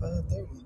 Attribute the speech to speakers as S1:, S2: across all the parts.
S1: Good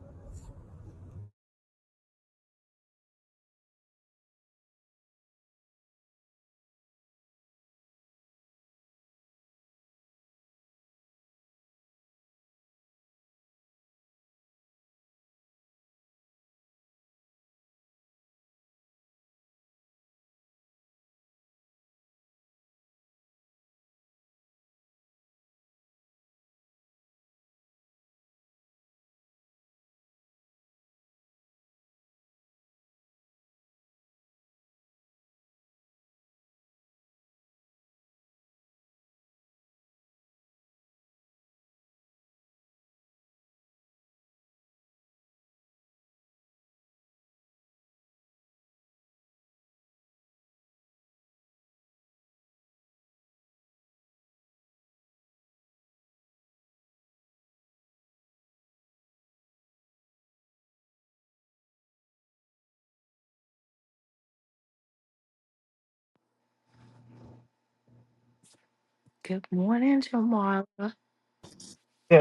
S2: Good morning, Jamala.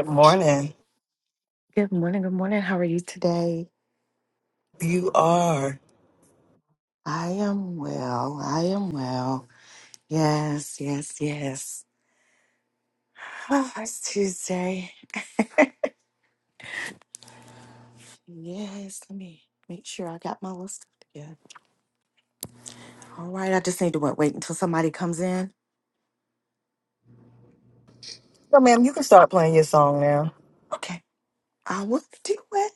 S1: morning.
S2: Good morning. Good morning. How are you today?
S1: You are.
S2: I am well. I am well. Yes, yes, yes. Oh, it's Tuesday. Yes, let me make sure I got my list together. All right, I just need to wait, wait until somebody comes in.
S1: No, ma'am, you can start playing your song now.
S2: Okay, I will do it.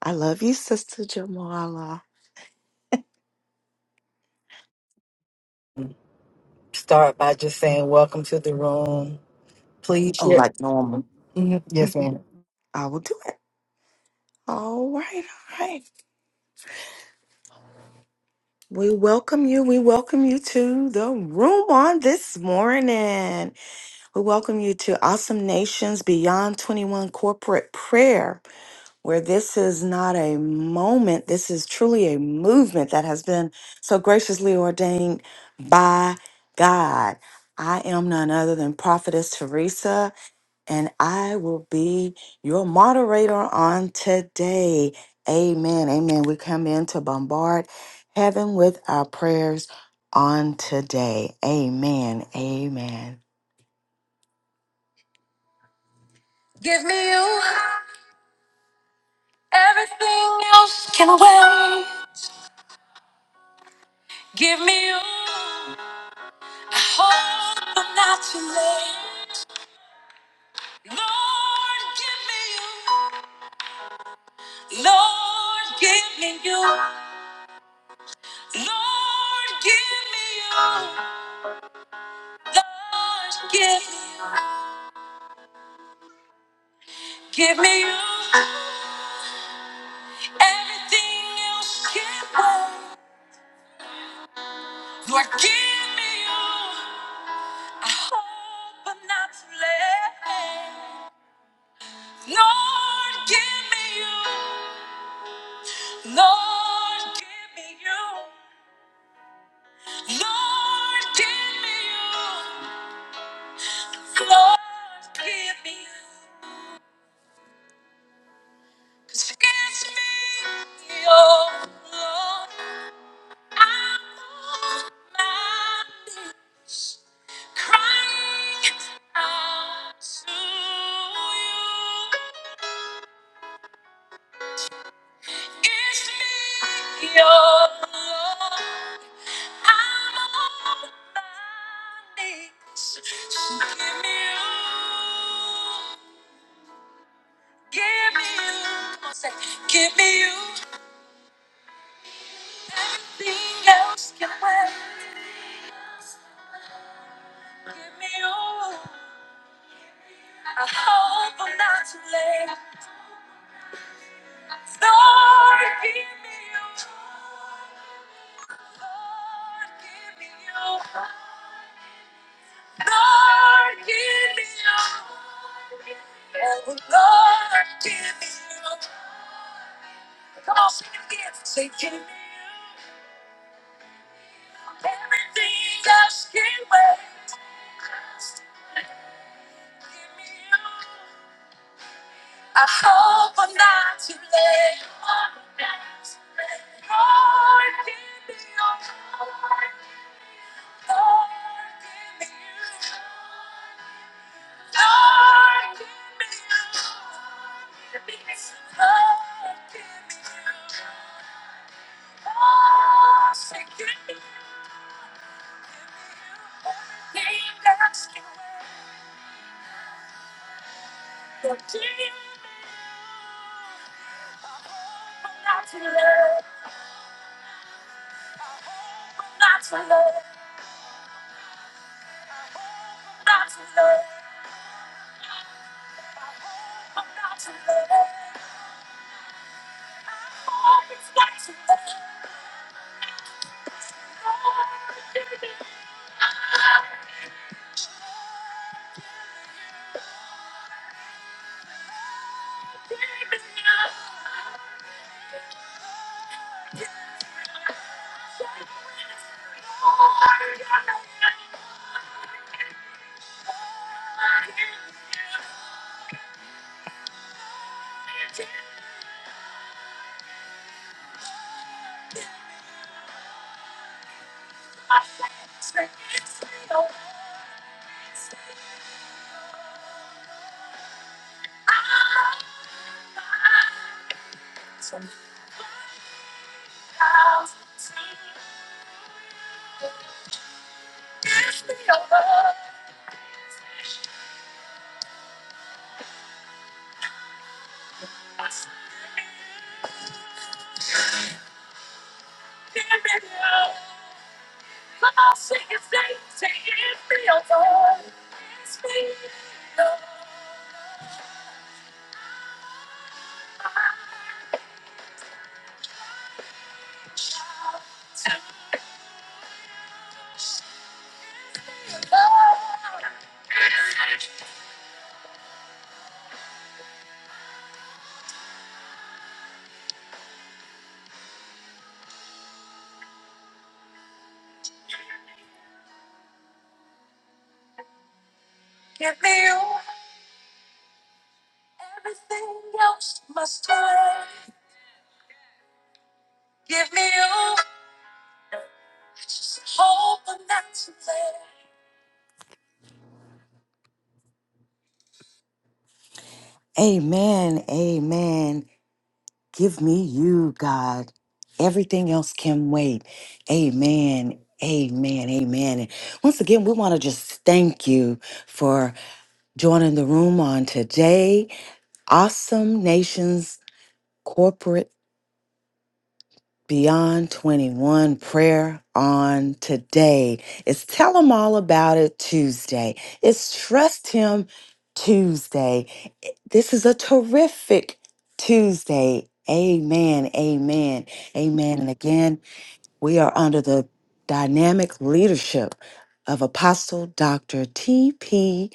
S2: I love you, Sister Jamala.
S1: Start by just saying, Welcome to the room. Please
S2: Oh,
S1: share.
S2: like normal.
S1: Mhm. Yes,
S2: Mhm.
S1: ma'am.
S2: I will do it. All right, all right. We welcome you. We welcome you to the room on this morning. We welcome you to Awesome Nations Beyond 21 Corporate Prayer, where this is not a moment. This is truly a movement that has been so graciously ordained by God. I am none other than Prophetess Teresa and I will be your moderator on today. Amen. Amen. We come in to bombard heaven with our prayers on today. Amen. Amen. Give me you. Everything else can wait. Give me you. I hope I'm not too late. Lord, give me you. Lord, give me you. Lord, give me you. Lord, give me you. Give me you. Everything else can wait. Lord, give me you. I hope I'm not too late. Lord, give me you. Lord, give me you. Lord, give me you. Lord, give me you. Cause it's me, oh Lord. I'm I'm on on my my knees, knees, crying out to you. you, you, It's me me me so give me you. give me you. Come on, say, Give me you, everything else can wait. Give me you. I hope I'm not too late. Lord, give me you. Lord, give me you. Lord, give me you. Oh, Lord, give me you. Come on, sing it again. Say, give me you. Everything else can wait. Just give me you. I hope I'm not too late. Lord, give me your power. Lord, give me you. Lord, give me you. Lord, give me you. Oh, say, give me you. Give me you. Keep asking where. Lord, give me you. I hope I'm not too late. Not for love, not for love, not for love. Always got to love. Thank you. Come on, sing his name, say it feels good. It's been the to God. Give me you. Everything else must wait. Give me you. Just hope I'm not too late. Amen. Amen. Give me you, God. Everything else can wait. Amen. Amen. Amen. And once again, we want to just thank you for joining the room on today. Awesome Nations Corporate Beyond 21 prayer on today. It's Tell Him All About It Tuesday. It's Trust Him Tuesday. This is a terrific Tuesday. Amen. Amen. Amen. And again, we are under the dynamic leadership of Apostle Dr. T.P.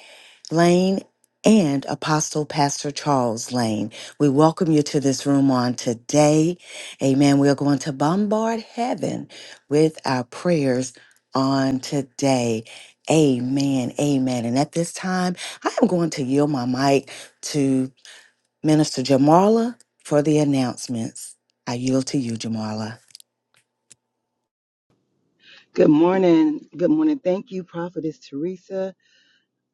S2: Lane and Apostle Pastor Charles Lane. We welcome you to this room on today. Amen. We are going to bombard heaven with our prayers on today. Amen. Amen. And at this time, I am going to yield my mic to Minister Jamala for the announcements. I yield to you, Jamala.
S1: Good morning. Good morning. Thank you, Prophetess Teresa.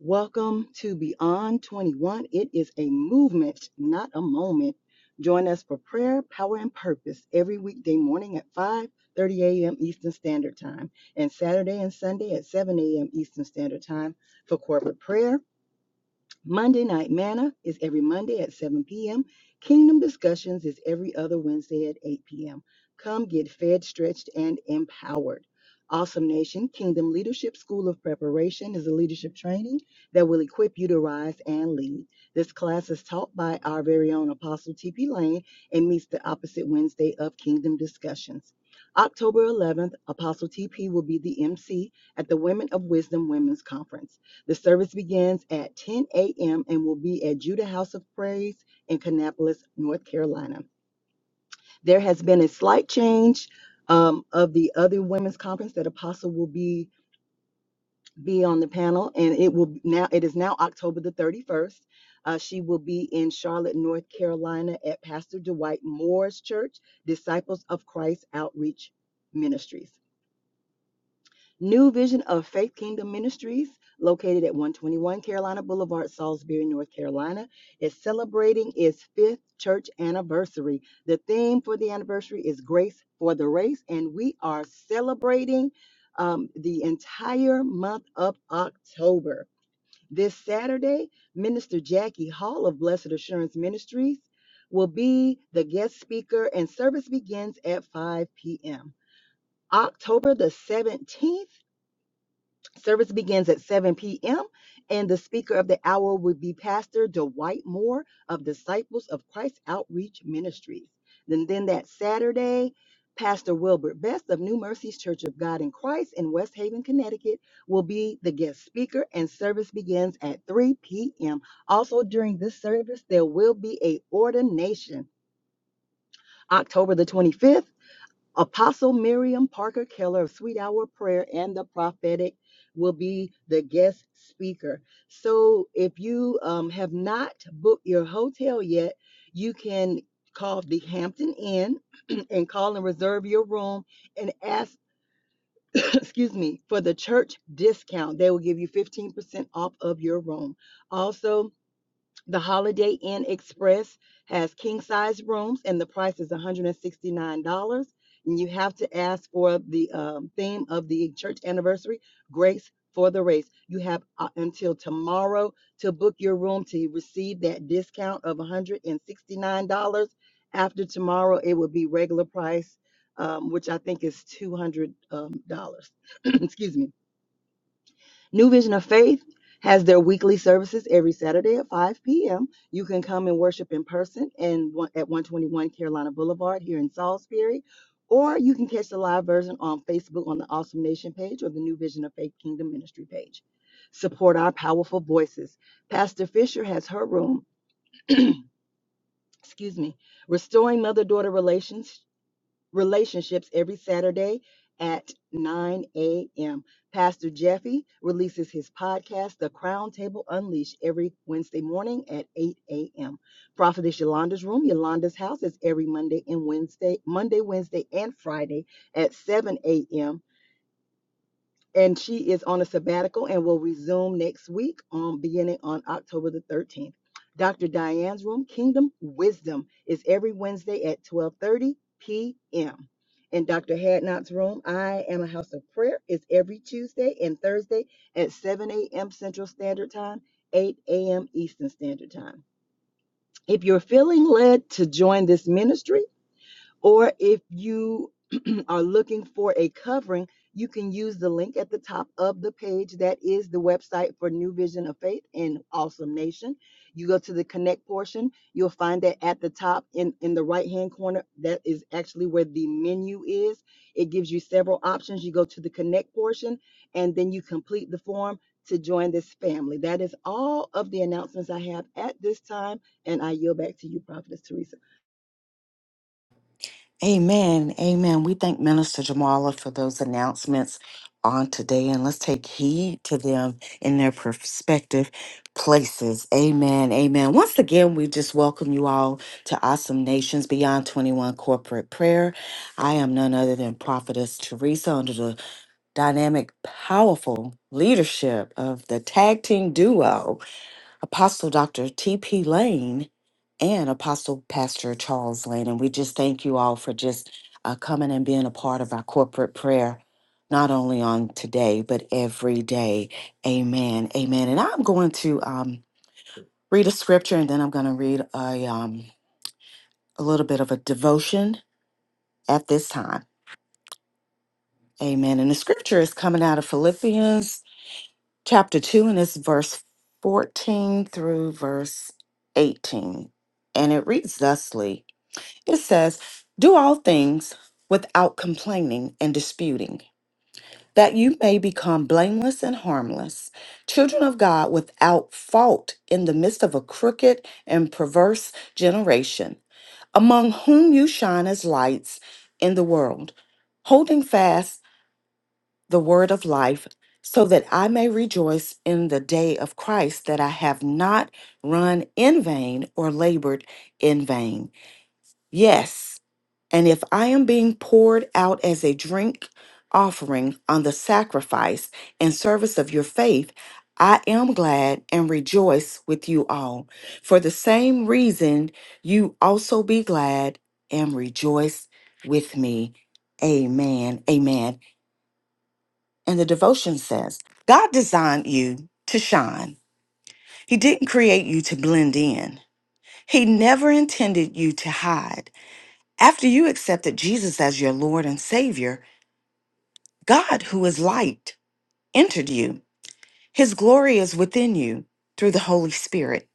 S1: Welcome to Beyond 21. It is a movement, not a moment. Join us for prayer, power, and purpose every weekday morning at 5:30 a.m. Eastern Standard Time and Saturday and Sunday at 7 a.m. Eastern Standard Time for corporate prayer Monday Night Manna is every Monday at 7 p.m. Kingdom Discussions is every other Wednesday at 8 p.m. Come get fed, stretched, and empowered. Awesome Nation Kingdom Leadership School of Preparation is a leadership training that will equip you to rise and lead. This class is taught by our very own Apostle T.P. Lane and meets the opposite Wednesday of Kingdom Discussions. October 11th, Apostle T.P. will be the MC at the Women of Wisdom Women's Conference. The service begins at 10 a.m. and will be at Judah House of Praise in Kannapolis, North Carolina. There has been a slight change um, of the other women's conference that Apostle will be be on the panel, and it will now it is now October the 31st. Uh, she will be in Charlotte, North Carolina, at Pastor Dwight Moore's Church, Disciples of Christ Outreach Ministries. New Vision of Faith Kingdom Ministries, located at 121 Carolina Boulevard, Salisbury, North Carolina, is celebrating its fifth church anniversary. The theme for the anniversary is Grace for the Race, and we are celebrating um, the entire month of October. This Saturday, Minister Jackie Hall of Blessed Assurance Ministries will be the guest speaker, and service begins at 5 p.m. October the 17th. Service begins at 7 p.m., and the speaker of the hour will be Pastor Dwight Moore of Disciples of Christ Outreach Ministries. Then, then that Saturday, Pastor Wilbert Best of New Mercies Church of God in Christ in West Haven, Connecticut, will be the guest speaker, and service begins at 3 p.m. Also, during this service, there will be a ordination. October the 25th. Apostle Miriam Parker Keller of Sweet Hour Prayer and the Prophetic will be the guest speaker. So if you um, have not booked your hotel yet, you can call the Hampton Inn and call and reserve your room and ask, excuse me, for the church discount. They will give you 15% off of your room. Also, the Holiday Inn Express has king size rooms, and the price is $169. And you have to ask for the um, theme of the church anniversary, Grace for the Race. You have uh, until tomorrow to book your room to receive that discount of $169. After tomorrow, it will be regular price, um, which I think is 200 um, dollars. Excuse me. New Vision of Faith has their weekly services every Saturday at 5 p.m. You can come and worship in person and one- at 121 Carolina Boulevard here in Salisbury, or you can catch the live version on Facebook on the Awesome Nation page or the New Vision of Faith Kingdom Ministry page. Support our powerful voices. Pastor Fisher has her room, excuse me, Restoring Mother Daughter Relations relationships every Saturday at 9 a.m. Pastor Jeffy releases his podcast, The Crown Table Unleashed, every Wednesday morning at 8 a.m. Prophetess Yolanda's Room, Yolanda's House is every Monday and Wednesday, Monday, Wednesday, and Friday at 7 a.m and she is on a sabbatical and will resume next week on beginning on October the 13th. Dr. Diane's room, Kingdom Wisdom, is every Wednesday at 12:30 p.m. And Dr. Hadnot's room, I Am a House of Prayer, is every Tuesday and Thursday at 7 a.m. Central Standard Time, 8 a.m. Eastern Standard Time. If you're feeling led to join this ministry, or if you are looking for a covering, you can use the link at the top of the page. That is the website for New Vision of Faith and Awesome Nation. You go to the connect portion, you'll find that at the top in, in the right hand corner. That is actually where the menu is. It gives you several options. You go to the connect portion and then you complete the form to join this family. That is all of the announcements I have at this time. And I yield back to you, Prophetess Teresa.
S2: Amen. Amen. We thank Minister Jamala for those announcements on today, and let's take heed to them in their prospective places. Amen. Amen. Once again, we just welcome you all to Awesome Nations Beyond 21 Corporate Prayer. I am none other than Prophetess Teresa under the dynamic, powerful leadership of the tag team duo. Apostle Dr. T.P. Lane and Apostle Pastor Charles Lane. And we just thank you all for just uh, coming and being a part of our corporate prayer, not only on today, but every day. Amen. Amen. And I'm going to um, read a scripture and then I'm going to read a, um, a little bit of a devotion at this time. Amen. And the scripture is coming out of Philippians chapter 2, and it's verse 14 through verse 18. And it reads thusly It says, Do all things without complaining and disputing, that you may become blameless and harmless, children of God without fault in the midst of a crooked and perverse generation, among whom you shine as lights in the world. Holding fast the word of life, so that I may rejoice in the day of Christ that I have not run in vain or labored in vain. Yes, and if I am being poured out as a drink offering on the sacrifice and service of your faith, I am glad and rejoice with you all. For the same reason, you also be glad and rejoice with me. Amen. Amen. And the devotion says God designed you to shine. He didn't create you to blend in, He never intended you to hide. After you accepted Jesus as your Lord and Savior, God, who is light, entered you. His glory is within you through the Holy Spirit.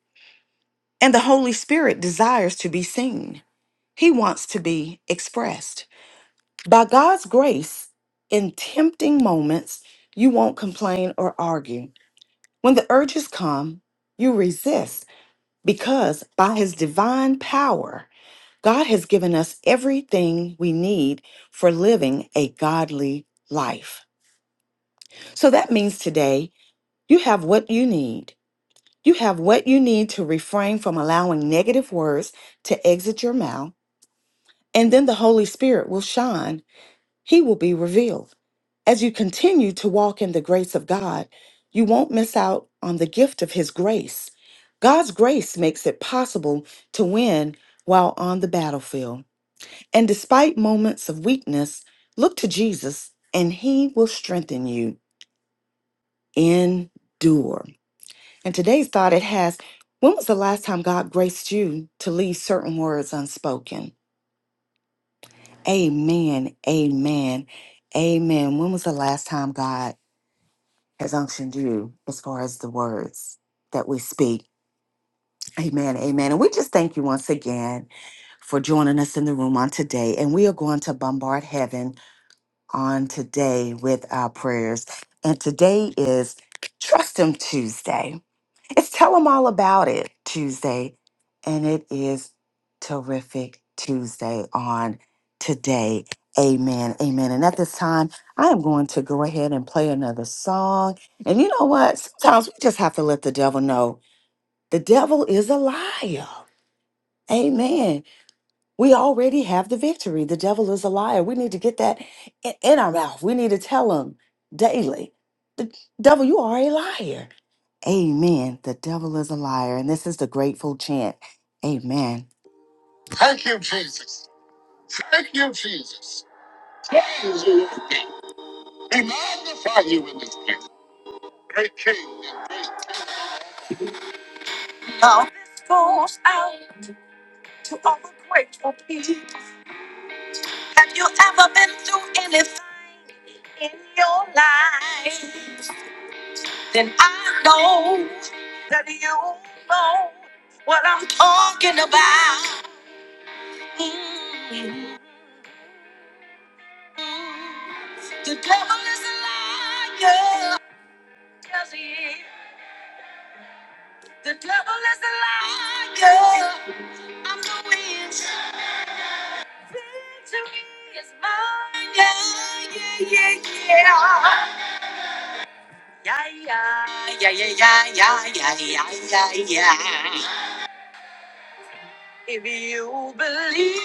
S2: And the Holy Spirit desires to be seen, He wants to be expressed. By God's grace, in tempting moments, you won't complain or argue. When the urges come, you resist because by his divine power, God has given us everything we need for living a godly life. So that means today you have what you need. You have what you need to refrain from allowing negative words to exit your mouth, and then the Holy Spirit will shine He will be revealed. As you continue to walk in the grace of God, you won't miss out on the gift of His grace. God's grace makes it possible to win while on the battlefield. And despite moments of weakness, look to Jesus and He will strengthen you. Endure. And today's thought it has when was the last time God graced you to leave certain words unspoken? Amen. Amen. Amen. When was the last time God? has unctioned you as far as the words that we speak. Amen. Amen. And we just thank you once again for joining us in the room on today. And we are going to bombard heaven on today with our prayers. And today is Trust Him Tuesday. It's Tell 'em All About It Tuesday, and it is terrific Tuesday on today. Amen. Amen. And at this time, I am going to go ahead and play another song. And you know what? Sometimes we just have to let the devil know the devil is a liar. Amen. We already have the victory. The devil is a liar. We need to get that in in our mouth. We need to tell him daily. The devil, you are a liar. Amen. The devil is a liar. And this is the grateful chant. Amen. Thank you, Jesus. Thank you, Jesus. Praise you. We magnify you in this place. Great King. Now this goes out to all the grateful people. Have you ever been through anything in your life? How do you know what I'm talking about? The devil is a liar. The devil is a liar. Yeah, yeah, yeah. Yeah, yeah, yeah, yeah, yeah, yeah, yeah, yeah, yeah, yeah. If you believe,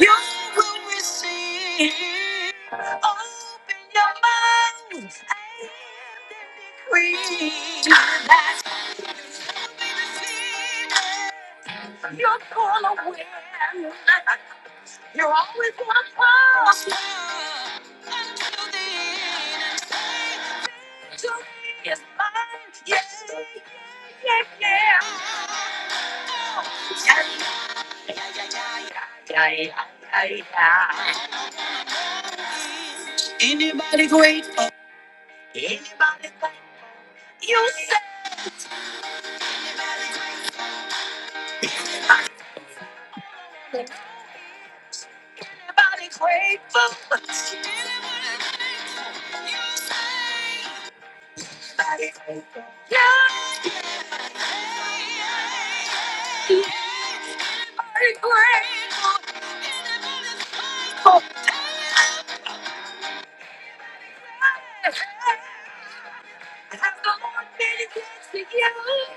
S2: you will receive. Open your mind and decree that you'll be defeated. You're gonna win. You're always my close until the end. And say, Victory is mine. Yes, yeah, yeah. Oh, yeah, yeah, yeah, yeah, yeah, yeah, yeah, yeah. Anybody grateful? Anybody great? You say. anybody grateful? Anybody grateful? You say anybody grateful? Yeah. Yeah, everybody's grateful. Everybody's hungry. Everybody's tired. I have the one million chance to you. Everybody's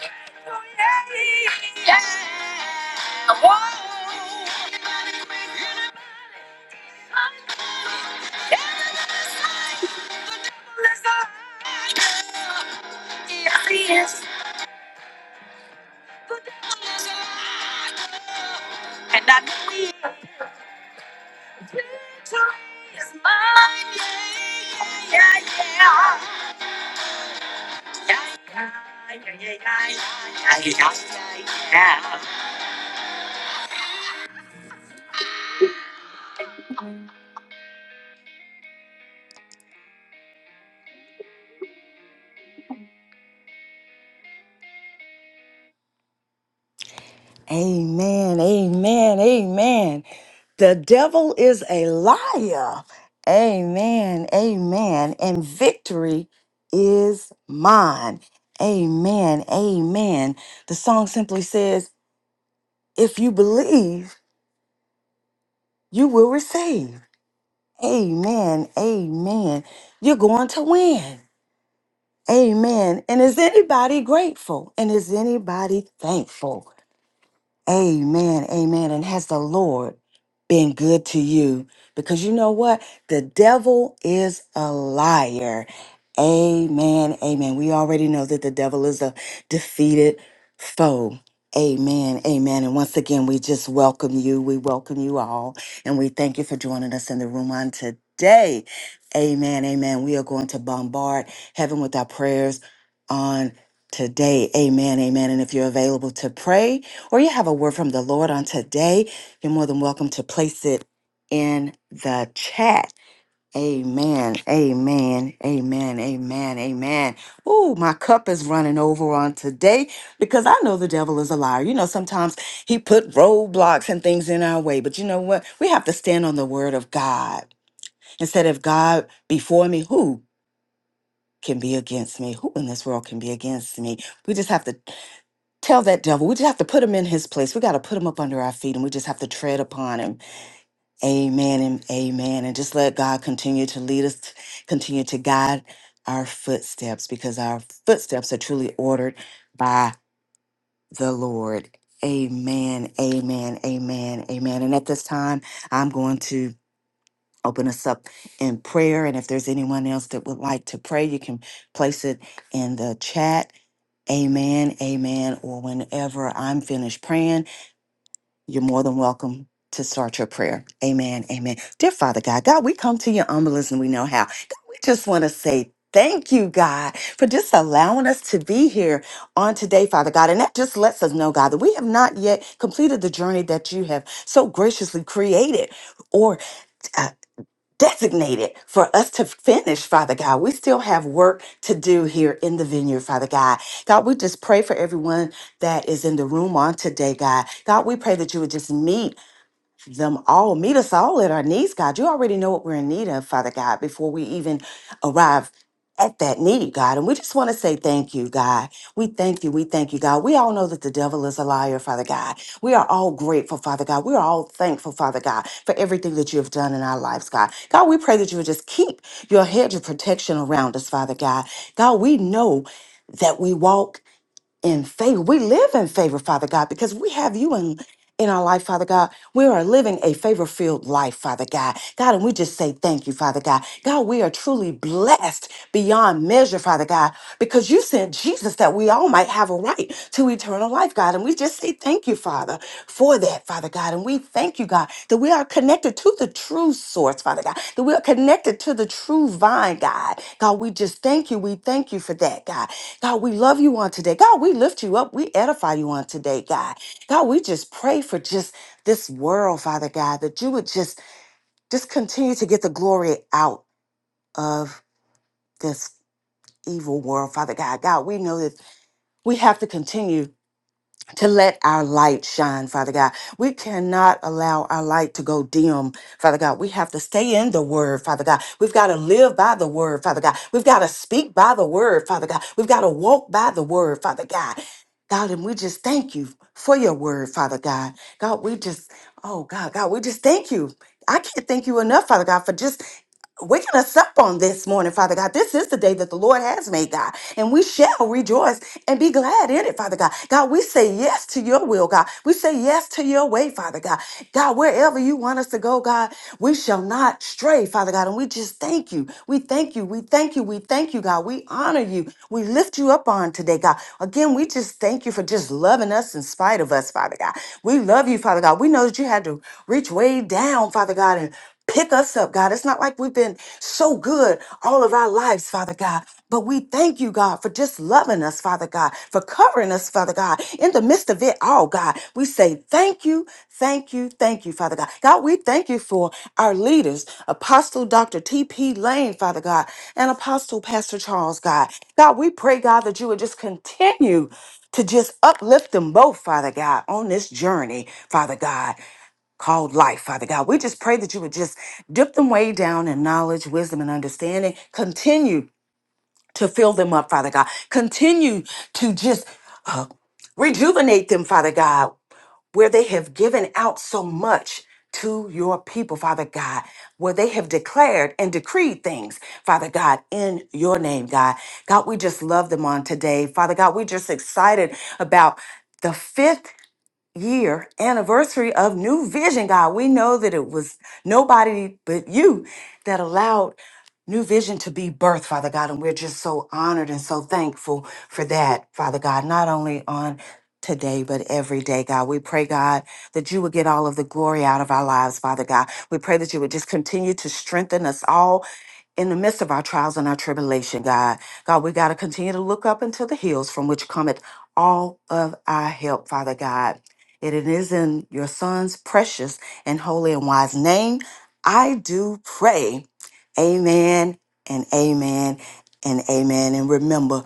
S2: grateful. Yeah, whoa. Everybody's hungry. Everybody's tired. The devil is alive. Yeah, yeah. And I know victory is mine. Yeah, yeah, yeah, yeah. Yeah, yeah, yeah, yeah, yeah, yeah, yeah, yeah. Amen, amen, amen. The devil is a liar. Amen, amen. And victory is mine. Amen, amen. The song simply says, If you believe, you will receive. Amen. Amen. You're going to win. Amen. And is anybody grateful? And is anybody thankful? Amen, amen. And has the Lord been good to you? Because you know what? The devil is a liar. Amen, amen. We already know that the devil is a defeated foe. Amen, amen. And once again, we just welcome you. We welcome you all. And we thank you for joining us in the room on today. Amen, amen. We are going to bombard heaven with our prayers on today. Amen, amen. And if you're available to pray, or you have a word from the Lord on today, you're more than welcome to place it in the chat. Amen. Amen. Amen. Amen. Amen. Ooh, my cup is running over on today because I know the devil is a liar. You know, sometimes he put roadblocks and things in our way, but you know what? We have to stand on the word of God. Instead of God before me, who can be against me? Who in this world can be against me? We just have to Tell that devil, we just have to put him in his place. We got to put him up under our feet and we just have to tread upon him. Amen and amen. And just let God continue to lead us, continue to guide our footsteps because our footsteps are truly ordered by the Lord. Amen, amen, amen, amen. And at this time, I'm going to open us up in prayer. And if there's anyone else that would like to pray, you can place it in the chat. Amen, amen, or whenever I'm finished praying. you're more than welcome to start your prayer. Amen. Amen. Dear Father God, God, we come to your humbleness and we know how. God, we just want to say thank you, God, for just allowing us to be here on today, Father God. And that just lets us know, God, that we have not yet completed the journey that you have so graciously created. Or uh, designated for us to finish, Father God. We still have work to do here in the vineyard, Father God. God, we just pray for everyone that is in the room on today, God. God, we pray that you would just meet them all. Meet us all at our needs, God. You already know what we're in need of, Father God, before we even arrive at that need, God. And we just want to say thank you, God. We thank you. We thank you, God. We all know that the devil is a liar, Father God. We are all grateful, Father God. We are all thankful, Father God, for everything that you have done in our lives, God. God, we pray that you would just keep your hedge of protection around us, Father God. God, we know. That we walk in favor. We live in favor, Father God, because we have you in in our life, Father God. We are living a favor-filled life, Father God. God, and we just say thank you, Father God. God, we are truly blessed beyond measure, Father God, because you sent Jesus that we all might have a right to eternal life, God. And we just say thank you, Father, for that, Father God. And we thank you, God, that we are connected to the true source, Father God, that we are connected to the true vine, God. God, we just thank you. We thank you for that, God. God, we love you on today. God, we lift you up. We edify you on today, God. God, we just pray for just this world, Father God, that you would just just continue to get the glory out of this evil world, Father God. God, we know that we have to continue to let our light shine, Father God. We cannot allow our light to go dim, Father God. We have to stay in the word, Father God. We've got to live by the word, Father God. We've got to speak by the word, Father God. We've got to walk by the word, Father God. God, and we just thank you for your word, Father God. God, we just, oh God, God, we just thank you. I can't thank you enough, Father God, for just we're going to sup on this morning, Father God. This is the day that the Lord has made, God, and we shall rejoice and be glad in it, Father God. God, we say yes to your will, God. We say yes to your way, Father God. God, wherever you want us to go, God, we shall not stray, Father God. And we just thank you. We thank you. We thank you. We thank you, God. We honor you. We lift you up on today, God. Again, we just thank you for just loving us in spite of us, Father God. We love you, Father God. We know that you had to reach way down, Father God, and Pick us up, God. It's not like we've been so good all of our lives, Father God. But we thank you, God, for just loving us, Father God, for covering us, Father God. In the midst of it all, God, we say thank you, thank you, thank you, Father God. God, we thank you for our leaders, Apostle Dr. T.P. Lane, Father God, and Apostle Pastor Charles, God. God, we pray, God, that you would just continue to just uplift them both, Father God, on this journey, Father God called life, Father God. We just pray that you would just dip them way down in knowledge, wisdom, and understanding. Continue to fill them up, Father God. Continue to just uh, rejuvenate them, Father God, where they have given out so much to your people, Father God, where they have declared and decreed things, Father God, in your name, God. God, we just love them on today. Father God, we're just excited about the fifth year anniversary of New Vision, God. We know that it was nobody but you that allowed New Vision to be birthed, Father God. And we're just so honored and so thankful for that, Father God, not only on today, but every day, God. We pray, God, that you would get all of the glory out of our lives, Father God. We pray that you would just continue to strengthen us all in the midst of our trials and our tribulation, God. God, we got to continue to look up into the hills from which cometh all of our help, Father God. It is in your son's precious and holy and wise name. I do pray. Amen and amen and amen. And remember,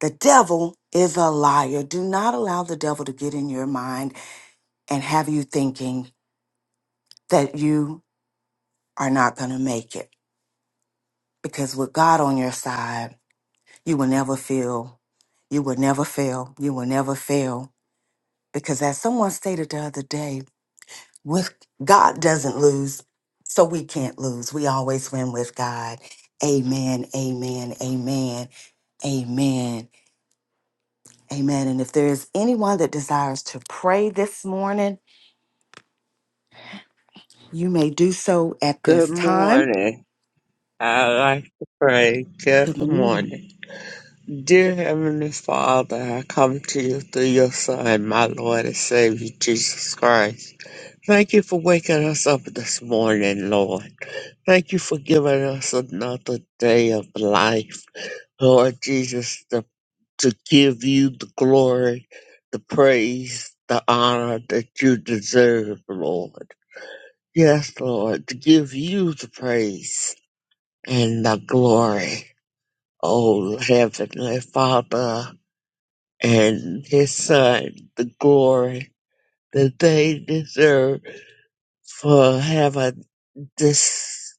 S2: the devil is a liar. Do not allow the devil to get in your mind and have you thinking that you are not going to make it. Because with God on your side, you will never feel, you will never fail, you will never fail. Because as someone stated the other day, with God doesn't lose, so we can't lose. We always win with God. Amen, amen, amen, amen, amen. And if there is anyone that desires to pray this morning, you may do so at this
S3: Good
S2: time.
S3: morning. I like to pray.
S2: Good
S3: Good
S2: morning.
S3: morning. Dear Heavenly Father, I come to you through your Son, my Lord and Savior, Jesus Christ. Thank you for waking us up this morning, Lord. Thank you for giving us another day of life, Lord Jesus, to, to give you the glory, the praise, the honor that you deserve, Lord. Yes, Lord, to give you the praise and the glory, O Heavenly Father, and His Son, the glory that they deserve for having this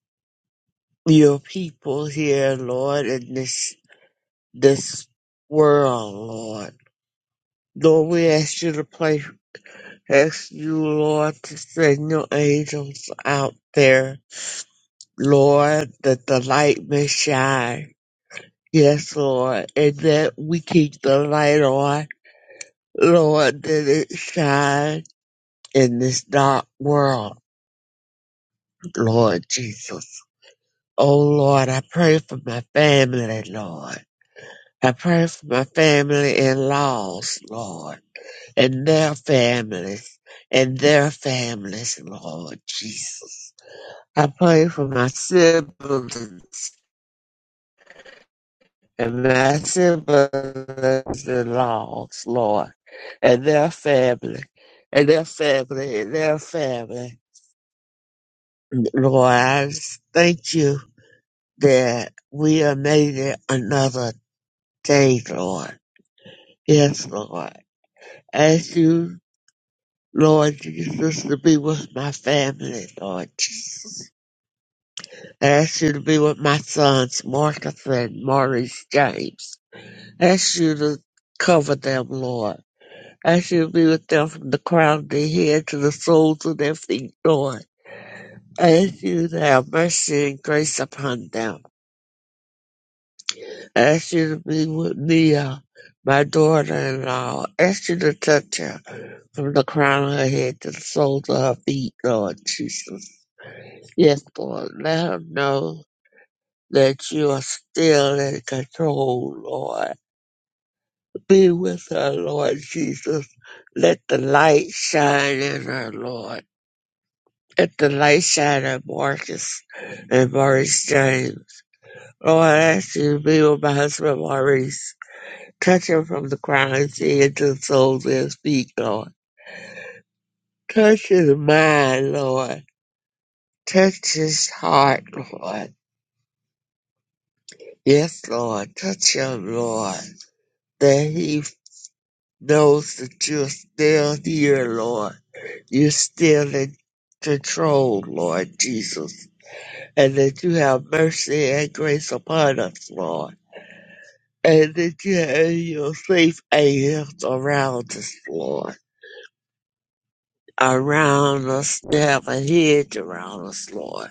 S3: your people here, Lord, in this this world, Lord. Lord, we ask you to play, ask you, Lord, to send your angels out there, Lord, that the light may shine. Yes, Lord, and that we keep the light on Lord, that it shine in this dark world, Lord Jesus. Oh Lord, I pray for my family, Lord. I pray for my family in laws, Lord, and their families, and their families, Lord Jesus. I pray for my siblings and my siblings in laws, Lord, and their family, and their family, and their family. Lord, I just thank you that we are made it another day, Lord. Yes, Lord. Ask you, Lord Jesus, to be with my family, Lord Jesus. Ask you to be with my sons, Marcus and Maurice James. Ask you to cover them, Lord. Ask you to be with them from the crown of their head to the soles of their feet, Lord. Ask you to have mercy and grace upon them. ask you to be with Mia, my daughter-in-law. Ask you to touch her from the crown of her head to the soles of her feet, Lord Jesus. Yes, Lord, let her know that you are still in control, Lord. Be with her, Lord Jesus. Let the light shine in her, Lord. Let the light shine in Marcus and Maurice James. Lord, I ask you to be with my husband Maurice. Touch him from the crown of his head to the soles of his feet, Lord. Touch his mind, Lord. Touch his heart, Lord. Yes, Lord. Touch him, Lord. That he knows that you're still here, Lord. You're still in control, Lord Jesus. And that you have mercy and grace upon us, Lord. And that you have your safe angels around us, Lord around us, to have a hedge around us, Lord,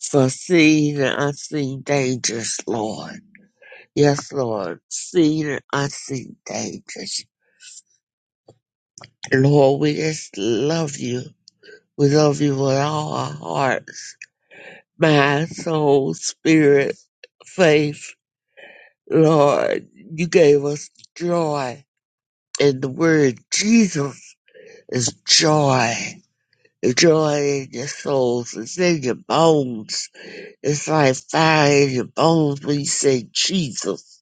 S3: for seen and unseen dangers, Lord. Yes, Lord, seen and unseen dangers. Lord, we just love you. We love you with all our hearts, mind, soul, spirit, faith. Lord, you gave us joy. And the word Jesus is joy. The joy in your souls. It's in your bones It's like fire in your bones when you say Jesus,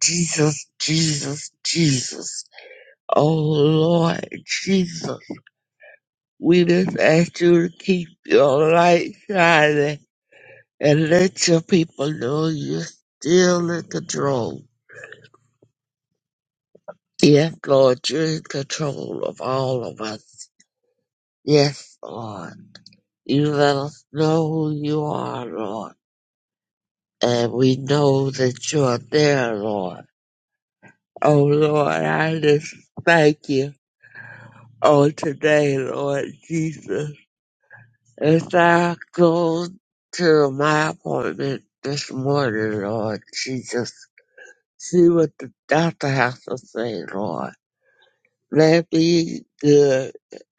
S3: Jesus, Jesus, Jesus. Oh Lord Jesus, we just ask you to keep your light shining and let your people know you're still in control. Yes, Lord, you're in control of all of us. Yes, Lord. You let us know who you are, Lord. And we know that you are there, Lord Oh Lord, I just thank you on today, Lord Jesus. As I go to my appointment this morning, Lord Jesus, see what the doctor has to say, Lord. Let me good,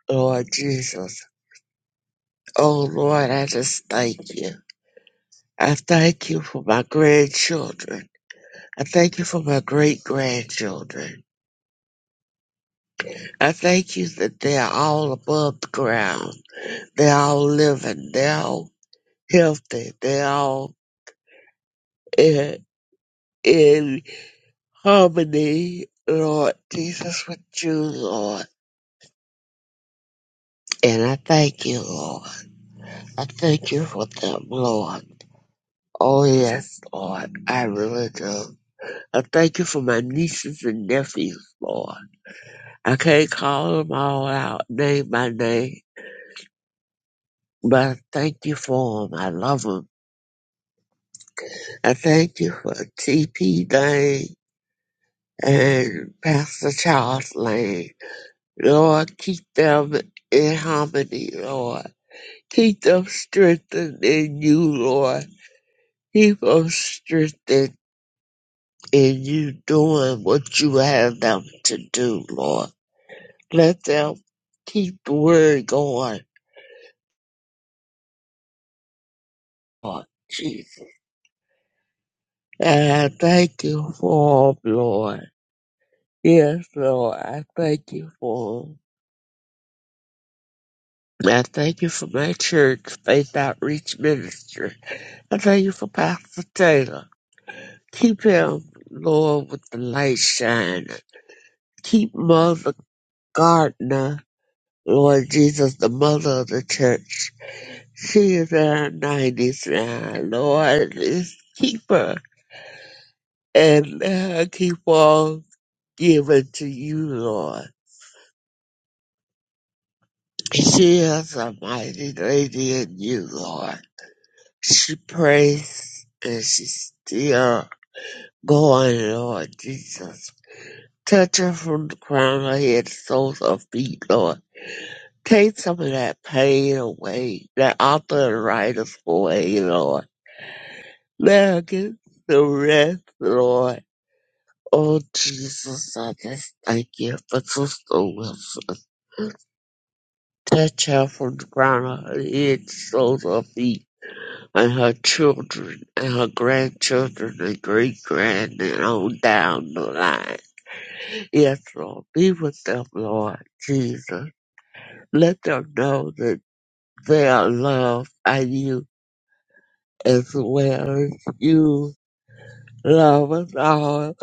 S3: Lord Jesus. Oh Lord, I just thank you. I thank you for my grandchildren. I thank you for my great grandchildren. I thank you that they are all above ground. They're all living. They're all healthy. They're all in, in harmony, Lord Jesus, with you, Lord. And I thank you, Lord. I thank you for them, Lord. Oh, yes, Lord. I really do. I thank you for my nieces and nephews, Lord. I can't call them all out name by name, but I thank you for them. I love them. I thank you for TP Dane. and Pastor Charles Lane. Lord, keep them in harmony, Lord. Keep them strengthened in you, Lord. Keep them strengthened in you doing what you have them to do, Lord. Let them keep the word going, Lord Jesus. And I thank you for 'em, Lord. Yes, Lord, I thank you for 'em. I thank you for my church, Faith Outreach Ministry. I thank you for Pastor Taylor. Keep him, Lord, with the light shining. Keep Mother Gardner, Lord Jesus, the mother of the church. She is in her 90s now, Lord. Just keep her and let her keep on giving to you, Lord. She is a mighty lady in you, Lord. She prays and she's still going, Lord Jesus. Touching from the crown of her head, to soles of feet, Lord. Take some of that pain away, that author and writer's away, Lord. Let her get the rest, Lord. Oh, Jesus, I just thank you for Sister Wilson. Touch her from the crown of her head, to soles of feet, and her children, and her grandchildren, and great grand, and on down the line. Yes, Lord. Be with them, Lord Jesus. Let them know that they are loved by you as well as you love us all.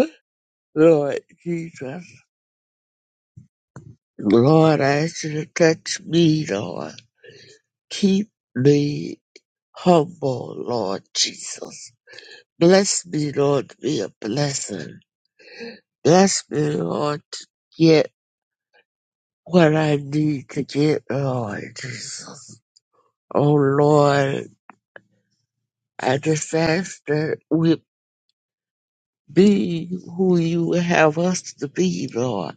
S3: Lord Jesus, Lord, I ask you to touch me, Lord. Keep me humble, Lord Jesus. Bless me, Lord, to be a blessing. Bless me, Lord, to get what I need to get, Lord Jesus. Oh, Lord, I just ask that we Be who you have us to be, Lord.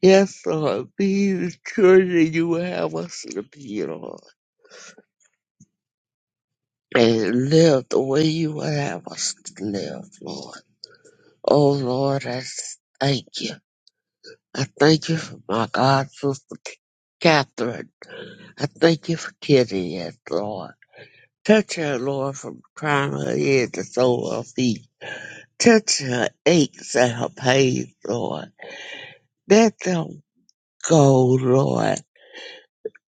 S3: Yes, Lord. Be the children you have us to be, Lord. And live the way you have us to live, Lord. Oh, Lord, I s- thank you. I thank you for my God, Sister Catherine. I thank you for Kitty, yes, Lord. Touch her, Lord, from the crown of her head to the sole of her feet. Touch her aches and her pains, Lord. Let them go, Lord.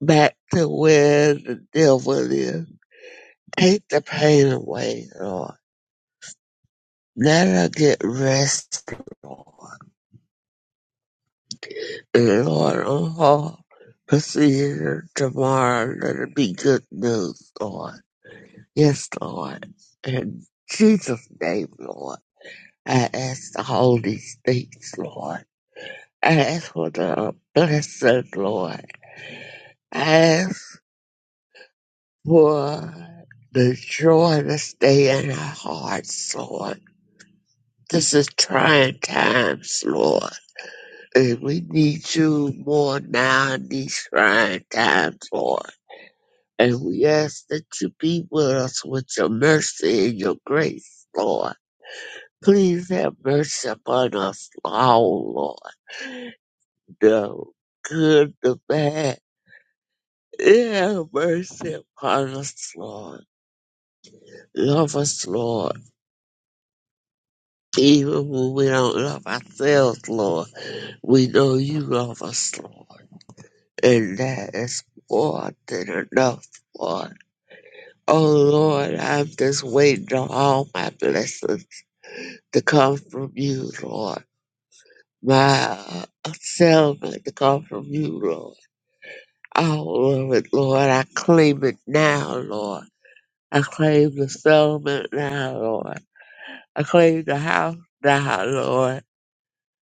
S3: back to where the devil is. Take the pain away, Lord. Let her get rest, Lord. And Lord, on her procedure tomorrow, let it be good news, Lord. Yes, Lord. In Jesus' name, Lord, I ask the Holy things, Lord. I ask for the blessing, Lord. I ask for the joy to stay in our hearts, Lord This is trying times, Lord. And we need you more now in these trying times, Lord. And we ask that you be with us with your mercy and your grace, Lord. Please have mercy upon us all, Lord. The good, the bad. Have mercy upon us, Lord. Love us, Lord. Even when we don't love ourselves, Lord, we know you love us, Lord. and that is more than enough for. Oh Lord, I'm just waiting on all my blessings to come from you, Lord. My uh, settlement to come from you, Lord. All of it, Lord. I claim it now, Lord. I claim the settlement now, Lord. I claim the house now, Lord.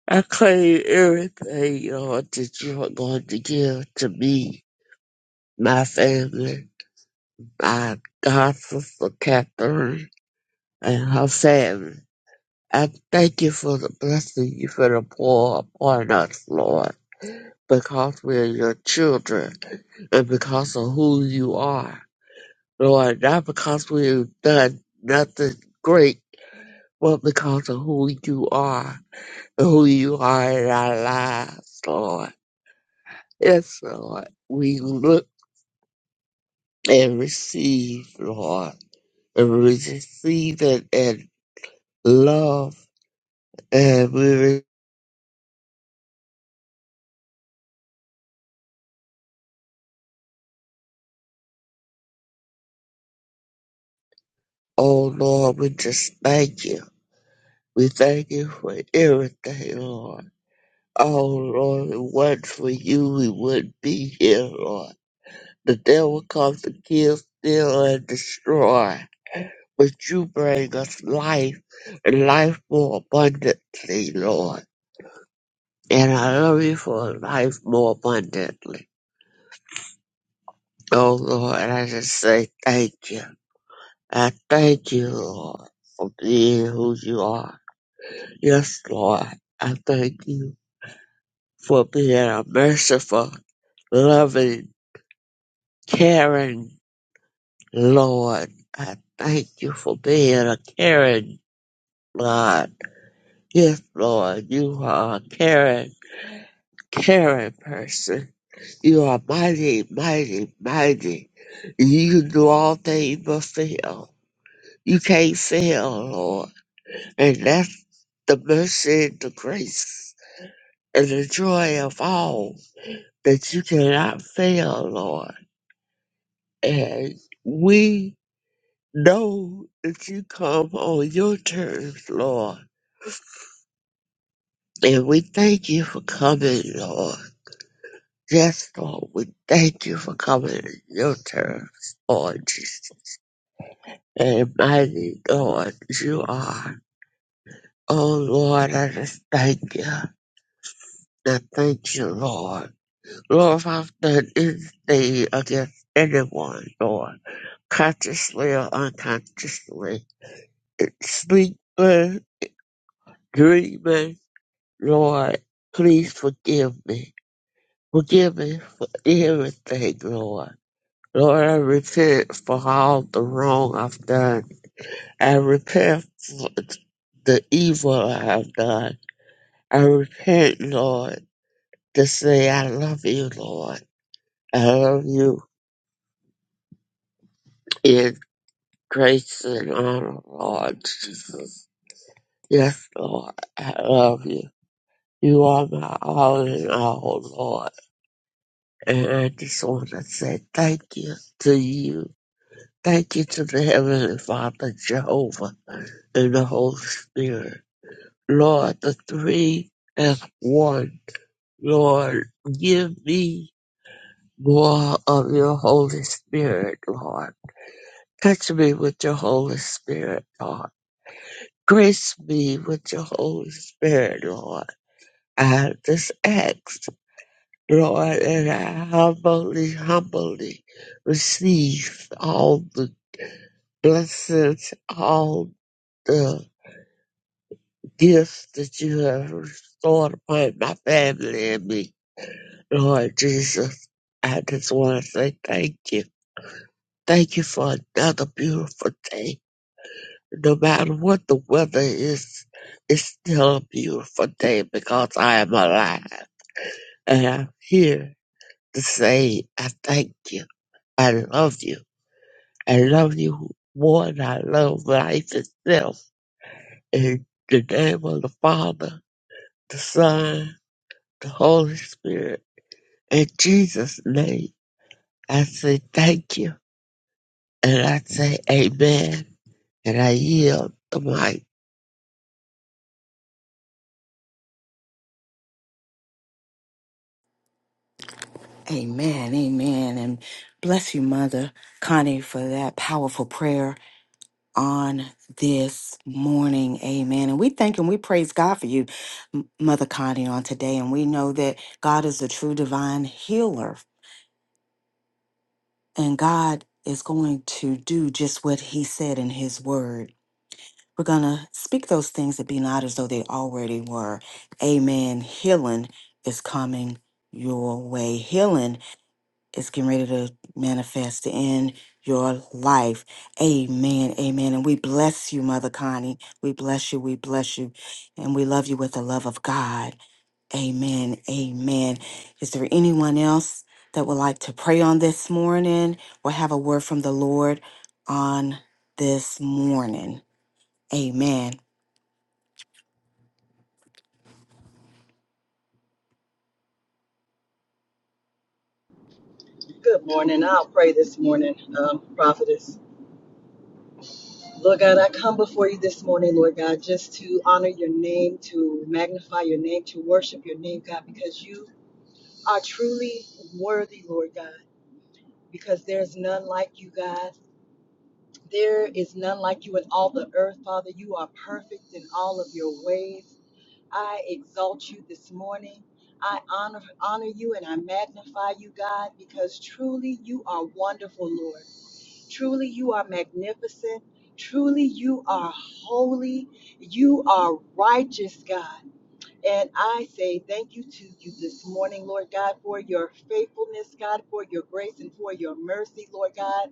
S3: I claim everything, Lord, that you are going to give to me, my family my God, Sister Catherine and her family. I thank you for the blessing you for the pour upon us, Lord, because we are your children and because of who you are, Lord, not because we've done nothing great, but because of who you are and who you are in our lives, Lord. Yes, Lord. We look and receive, Lord, and we receive it in love And we, re- oh Lord, we just thank you. We thank you for everything, Lord. Oh Lord, if it wasn't for you, we wouldn't be here, Lord. The devil comes to kill, steal, and destroy. But you bring us life, and life more abundantly, Lord. And I love you for life more abundantly. Oh Lord, and I just say thank you. I thank you, Lord, for being who you are. Yes, Lord, I thank you for being a merciful, loving, caring Lord. I thank you for being a caring God. Yes, Lord, you are a caring, caring person. You are mighty, mighty, mighty. You can do all things but fail. You can't fail, Lord. And that's the mercy and the grace and the joy of all. that you cannot fail, Lord. And we know that you come on your terms, Lord. And we thank you for coming, Lord. Yes, Lord, we thank you for coming on your terms, Lord Jesus. And mighty Lord, you are. Oh, Lord, I just thank you. I thank you, Lord. Lord, if I've done anything against anyone, Lord, consciously or unconsciously, sleeping, dreaming, Lord, please forgive me. Forgive me for everything, Lord. Lord, I repent for all the wrong I've done. I repent for the evil I have done. I repent, Lord, to say I love you, Lord. I love you in grace and honor, Lord Jesus. Yes, Lord, I love you. You are my all in all, Lord. And I just want to say thank you to you. Thank you to the Heavenly Father, Jehovah, and the Holy Spirit. Lord, the three as one. Lord, give me more of your Holy Spirit, Lord. Touch me with your Holy Spirit, Lord. Grace me with your Holy Spirit, Lord. I just ask. Lord, and I humbly, humbly receive all the blessings, all the gifts that you have restored upon my family and me. Lord Jesus, I just want to say thank you. Thank you for another beautiful day. No matter what the weather is, it's still a beautiful day because I am alive. And I'm here to say I thank you. I love you. I love you more than I love life itself. In the name of the Father, the Son, the Holy Spirit, in Jesus' name, I say thank you. And I say amen. And I yield the mic.
S2: Amen, amen. And bless you, Mother Connie, for that powerful prayer. on this morning. Amen. And we thank and we praise God for you, M- Mother Connie, on today. And we know that God is a true divine healer, and God is going to do just what He said in His word. We're going to speak those things that be not as though they already were. Amen. Healing is coming your way. Healing It's getting ready to manifest in your life. Amen. Amen. And we bless you, Mother Connie. We bless you. We bless you. And we love you with the love of God. Amen. Amen. Is there anyone else that would like to pray on this morning or have a word from the Lord on this morning? Amen.
S1: Good morning. I'll pray this morning, um, Prophetess. Lord God, I come before you this morning, Lord God, just to honor your name, to magnify your name, to worship your name, God, because you are truly worthy, Lord God, because there's none like you, God. There is none like you in all the earth, Father. You are perfect in all of your ways. I exalt you this morning. I honor, honor you and I magnify you, God, because truly you are wonderful, Lord. Truly, you are magnificent. Truly, you are holy. You are righteous, God. And I say thank you to you this morning, Lord God, for your faithfulness, God, for your grace and for your mercy, Lord God.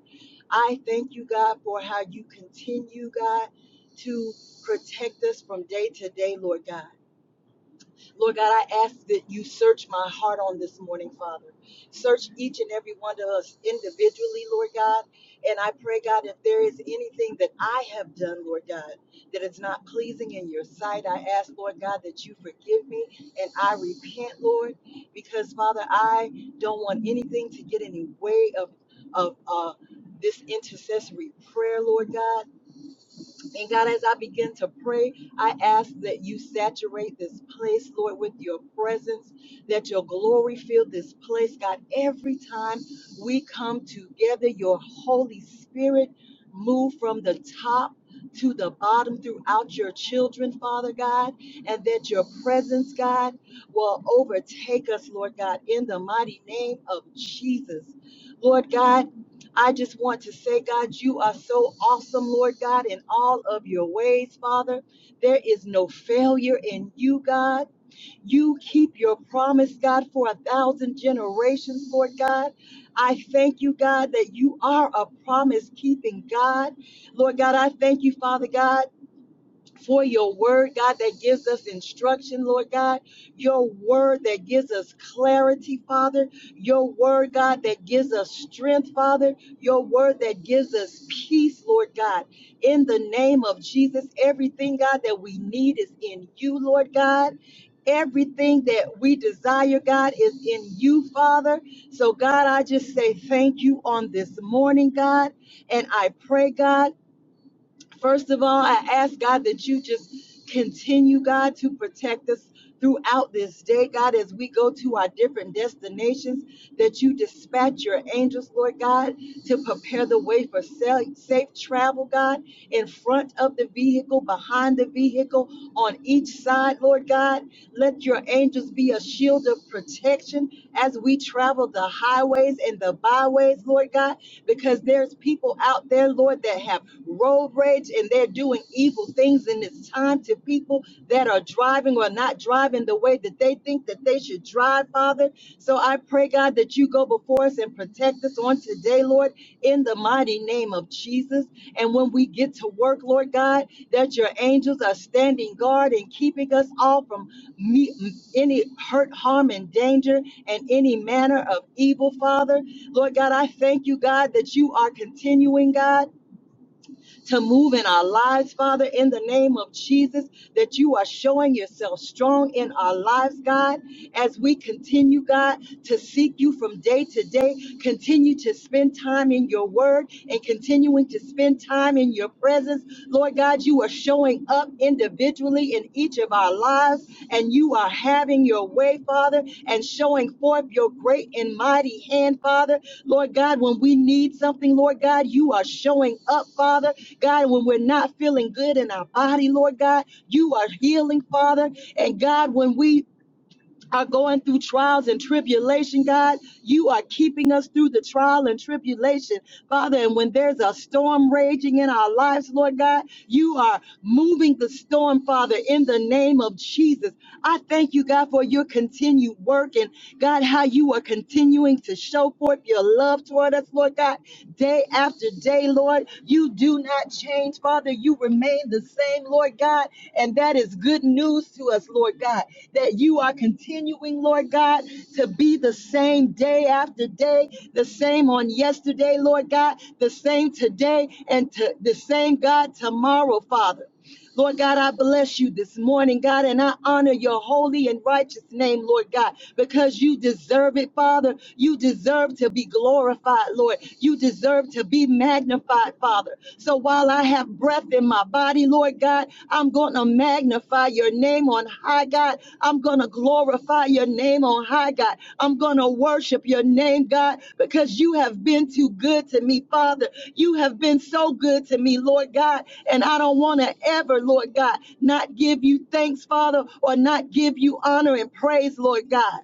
S1: I thank you, God, for how you continue, God, to protect us from day to day, Lord God. Lord God, I ask that you search my heart on this morning, Father. Search each and every one of us individually, Lord God. And I pray, God, if there is anything that I have done, Lord God, that is not pleasing in your sight, I ask, Lord God, that you forgive me and I repent, Lord, because, Father, I don't want anything to get in the way of, of uh, this intercessory prayer, Lord God. And God, as I begin to pray, I ask that you saturate this place, Lord, with your presence, that your glory fill this place. God, every time we come together, your Holy Spirit move from the top to the bottom throughout your children, Father God, and that your presence, God, will overtake us, Lord God, in the mighty name of Jesus. Lord God, I just want to say, God, you are so awesome, Lord God, in all of your ways, Father. There is no failure in you, God. You keep your promise, God, for a thousand generations, Lord God. I thank you, God, that you are a promise keeping God. Lord God, I thank you, Father God for your word, God, that gives us instruction, Lord God. Your word that gives us clarity, Father. Your word, God, that gives us strength, Father. Your word that gives us peace, Lord God. In the name of Jesus, everything, God, that we need is in you, Lord God. Everything that we desire, God, is in you, Father. So, God, I just say thank you on this morning, God. And I pray, God First of all, I ask God that you just continue, God, to protect us throughout this day, God, as we go to our different destinations, that you dispatch your angels, Lord God, to prepare the way for sa- safe travel, God, in front of the vehicle, behind the vehicle, on each side, Lord God. Let your angels be a shield of protection as we travel the highways and the byways, Lord God because there's people out there, Lord, that have road rage and they're doing evil things in this time to people that are driving or not driving the way that they think that they should drive, Father. So I pray, God, that you go before us and protect us on today, Lord, in the mighty name of Jesus. And when we get to work, Lord God, that your angels are standing guard and keeping us all from me, any hurt, harm, and danger, and any manner of evil, Father. Lord God, I thank you, God, that you are continuing, God to move in our lives, Father, in the name of Jesus, that you are showing yourself strong in our lives, God, as we continue, God, to seek you from day to day, continue to spend time in your word and continuing to spend time in your presence. Lord God, you are showing up individually in each of our lives, and you are having your way, Father, and showing forth your great and mighty hand, Father. Lord God, when we need something, Lord God, you are showing up, Father. God, when we're not feeling good in our body, Lord God, you are healing, Father. And God, when we are going through trials and tribulation, God. You are keeping us through the trial and tribulation, Father. And when there's a storm raging in our lives, Lord God, you are moving the storm, Father, in the name of Jesus. I thank you, God, for your continued work and God, how you are continuing to show forth your love toward us, Lord God, day after day, Lord. You do do not change, Father. You remain the same, Lord God. And that is good news to us, Lord God, that you are continuing, Lord God, to be the same day after day, the same on yesterday, Lord God, the same today, and to, the same God tomorrow, Father. Lord God, I bless you this morning, God, and I honor your holy and righteous name, Lord God, because you deserve it, Father. You deserve to be glorified, Lord. You deserve to be magnified, Father. So while I have breath in my body, Lord God, I'm going to magnify your name on high, God. I'm going to glorify your name on high, God. I'm going to worship your name, God, because you have been too good to me, Father. You have been so good to me, Lord God. And I don't want to ever, Lord God, not give you thanks, Father, or not give you honor and praise, Lord God.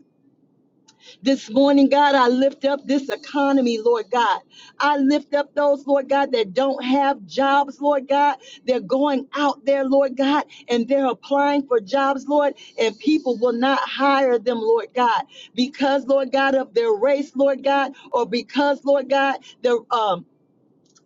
S1: This morning, God, I lift up this economy, Lord God. I lift up those, Lord God, that don't have jobs, Lord God. They're going out there, Lord God, and they're applying for jobs, Lord, and people will not hire them, Lord God, because, Lord God, of their race, Lord God, or because, Lord God, their um,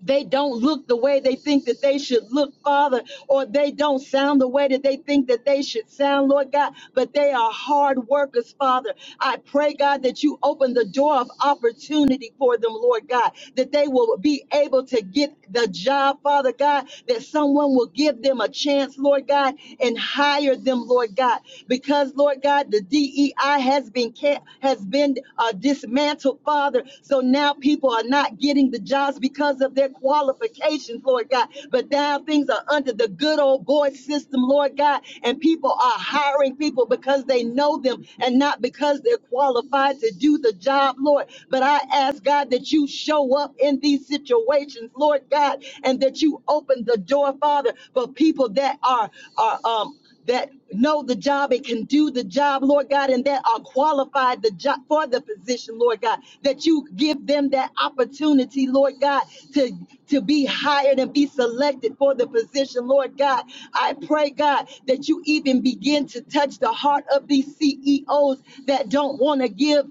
S1: they don't look the way they think that they should look, Father, or they don't sound the way that they think that they should sound, Lord God, but they are hard workers, Father. I pray, God, that you open the door of opportunity for them, Lord God, that they will be able to get the job, Father God, that someone will give them a chance, Lord God, and hire them, Lord God, because, Lord God, the DEI. DEI has been ca- has been uh, dismantled, Father. So now people are not getting the jobs because of their qualifications, Lord God. But now things are under the good old boy system, Lord God, and people are hiring people because they know them and not because they're qualified to do the job, Lord. But I ask God that you show up in these situations, Lord God, and that you open the door, Father, for people that are are um that know the job and can do the job, Lord God, and that are qualified the job for the position, Lord God, that you give them that opportunity, Lord God, to, to be hired and be selected for the position, Lord God. I pray, God, that you even begin to touch the heart of these CEOs that don't want to give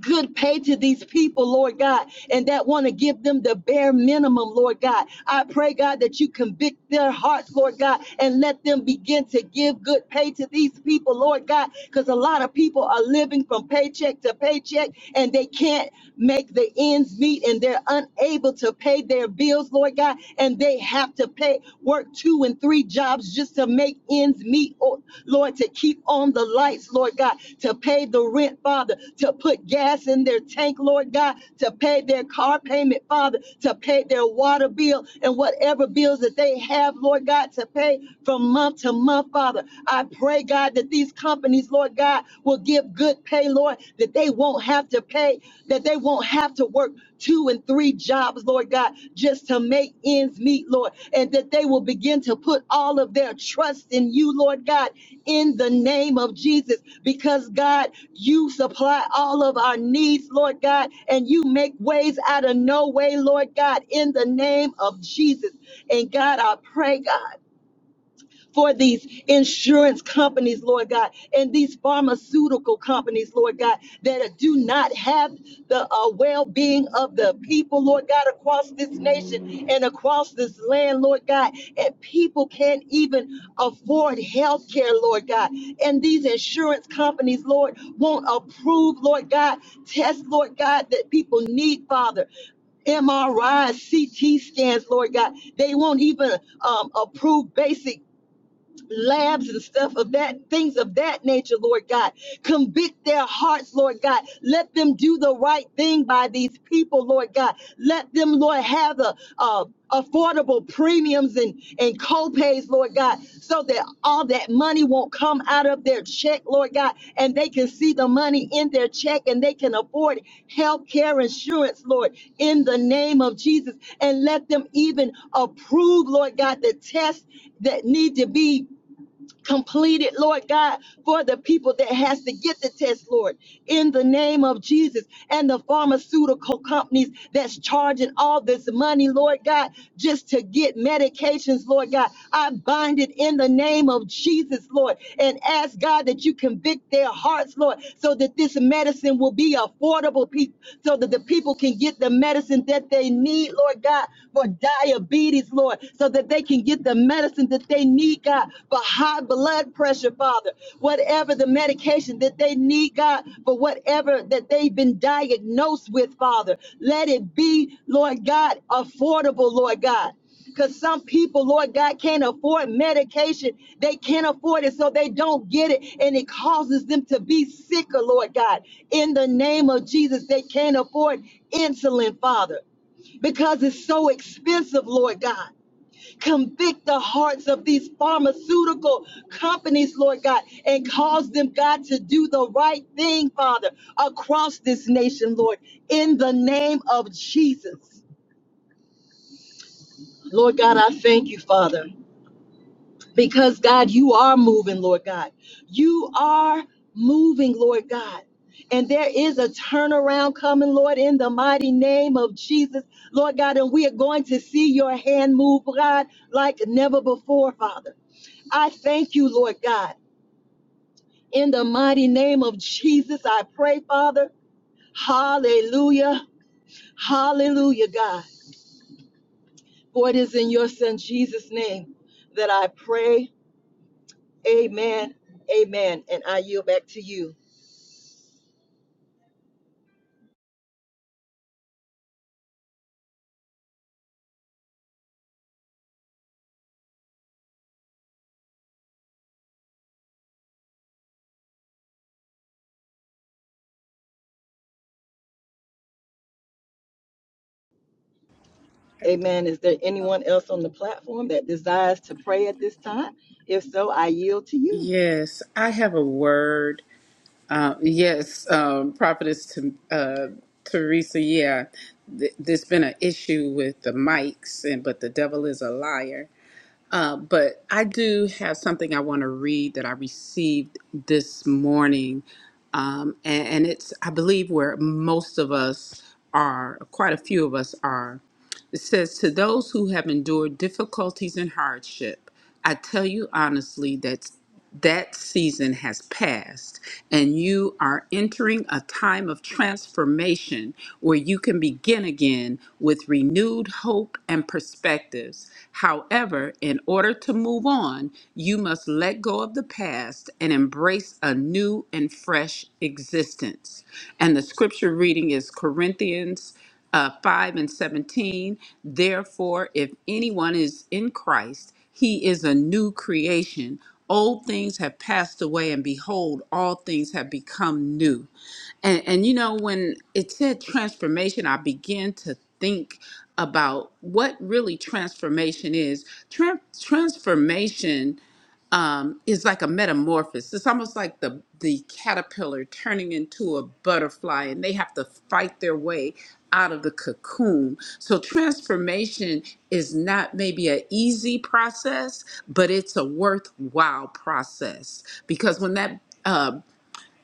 S1: good pay to these people, Lord God, and that want to give them the bare minimum, Lord God. I pray, God, that you convict their hearts, Lord God, and let them begin to give good pay to these people, Lord God, because a lot of people are living from paycheck to paycheck and they can't make the ends meet and they're unable to pay their bills, Lord God, and they have to pay work two two and three jobs just to make ends meet, oh, Lord, to keep on the lights, Lord God, to pay the rent, Father, to put gas in their tank, Lord God, to pay their car payment, Father, to pay their water bill and whatever bills that they have, Lord God, to pay from month to month, Father. I pray, God, that these companies, Lord God, will give good pay, Lord, that they won't have to pay, that they won't have to work two and three jobs, Lord God, just to make ends meet, Lord, and that they will begin to put all of their trust in you, Lord God, in the name of Jesus, because God, you supply all of our needs, Lord God, and you make ways out of no way, Lord God, in the name of Jesus. And God, I pray, God for these insurance companies, Lord God, and these pharmaceutical companies, Lord God, that do not have the uh, well being of the people, Lord God, across this nation and across this land, Lord God. And people can't even afford health care, Lord God. And these insurance companies, Lord, won't approve, Lord God, tests, Lord God, that people need, Father. MRI, CT scans, Lord God. They won't even um, approve basic labs and stuff of that, things of that nature, Lord God. Convict their hearts, Lord God. Let them do the right thing by these people, Lord God. Let them, Lord, have the uh, affordable premiums and, and co-pays, Lord God, so that all that money won't come out of their check, Lord God, and they can see the money in their check and they can afford health care insurance, Lord, in the name of Jesus. And let them even approve, Lord God, the tests that need to be completed, Lord God, for the people that has to get the test, Lord, in the name of Jesus and the pharmaceutical companies that's charging all this money, Lord God, just to get medications, Lord God. I bind it in the name of Jesus, Lord, and ask God that you convict their hearts, Lord, so that this medicine will be affordable, people, so that the people can get the medicine that they need, Lord God, for diabetes, Lord, so so that they can get the medicine that they need, God, for high blood pressure, Father. Whatever the medication that they need, God, for whatever that they've been diagnosed with, Father. Let it be, Lord God, affordable, Lord God. Because some people, Lord God, can't afford medication. They can't afford it, so they don't get it. And it causes them to be sicker, Lord God. In the name of Jesus, they can't afford insulin, Father because it's so expensive, Lord God. Convict the hearts of these pharmaceutical companies, Lord God, and cause them, God, to do the right thing, Father, across this nation, Lord, in the name of Jesus. Lord God, I thank you, Father, because God, you are moving, Lord God. You are moving, Lord God. And there is a turnaround coming, Lord, in the mighty name of Jesus, Lord God. And we are going to see your hand move, God, like never before, Father. I thank you, Lord God. In the mighty name of Jesus, I pray, Father. Hallelujah. Hallelujah, God. For it is in your Son Jesus' name that I pray. Amen. Amen. And I yield back to you. Amen. Is there anyone else on the platform that desires to pray at this time? If so, I yield to you.
S4: Yes, I have a word. Uh, yes, um, Prophetess T- uh, Teresa. Yeah, th- there's been an issue with the mics, and but the devil is a liar. Uh, but I do have something I want to read that I received this morning, um, and, and it's I believe where most of us are, quite a few of us are. It says, To those who have endured difficulties and hardship, I tell you honestly that that season has passed and you are entering a time of transformation where you can begin again with renewed hope and perspectives. However, in order to move on, you must let go of the past and embrace a new and fresh existence. And the scripture reading is Corinthians uh, 5 and 17. Therefore, if anyone is in Christ, he is a new creation. Old things have passed away, and behold, all things have become new. And, and you know, when it said transformation, I began to think about what really transformation is. Tran- transformation um, is like a metamorphosis. It's almost like the the caterpillar turning into a butterfly, and they have to fight their way out of the cocoon. So transformation is not maybe an easy process, but it's a worthwhile process because when that uh,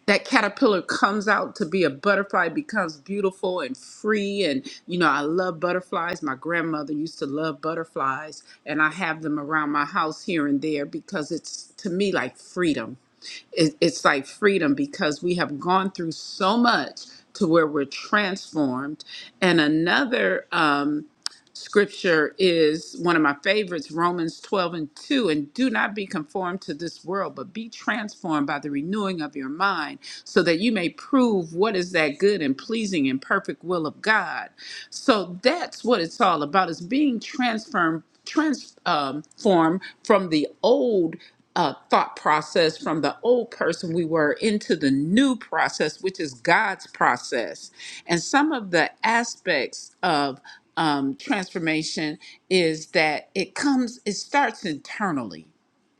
S4: that caterpillar comes out to be a butterfly becomes beautiful and free and you know i love butterflies my grandmother used to love butterflies and i have them around my house here and there because it's to me like freedom it, it's like freedom because we have gone through so much to where we're transformed and another um, scripture is one of my favorites Romans 12 and 2. And do not be conformed to this world, but be transformed by the renewing of your mind, so that you may prove what is that good and pleasing and perfect will of God. So that's what it's all about is being transformed transformed from the old uh, thought process from the old person we were into the new process, which is God's process. And some of the aspects of um, transformation is that it comes, it starts internally.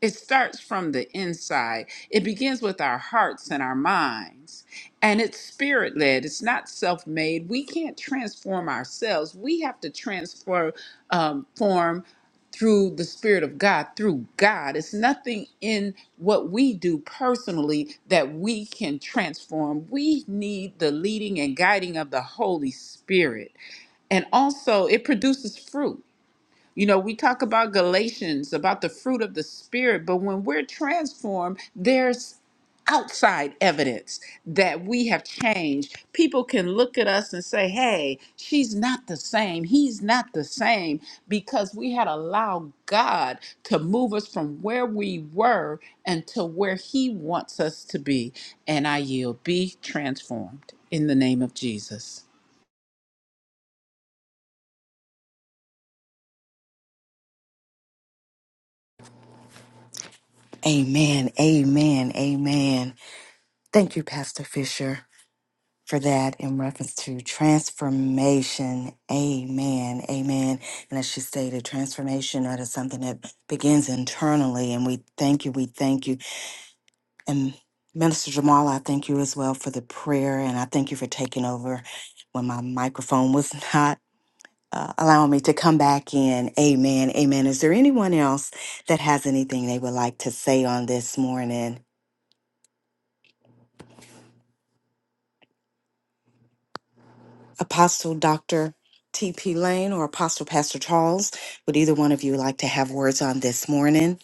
S4: It starts from the inside. It begins with our hearts and our minds. And it's spirit led, it's not self made. We can't transform ourselves. We have to transform um, form through the Spirit of God, through God. It's nothing in what we do personally that we can transform. We need the leading and guiding of the Holy Spirit. And also, it produces fruit. You know, we talk about Galatians, about the fruit of the Spirit, but when we're transformed, there's outside evidence that we have changed. People can look at us and say, hey, she's not the same. He's not the same because we had allowed God to move us from where we were until where He wants us to be. And I yield, be transformed in the name of Jesus.
S2: Amen. Amen. Amen. Thank you, Pastor Fisher. for that in reference to transformation. Amen. Amen. And as she stated, transformation that is something that begins internally. And we thank you. We thank you. And Minister Jamal, I thank you as well for the prayer. And I thank you for taking over when my microphone was not. Uh, allowing me to come back in. Amen. Amen. Is there anyone else that has anything they would like to say on this morning? Apostle Dr. T.P. Lane or Apostle Pastor Charles, would either one of you like to have words on this morning?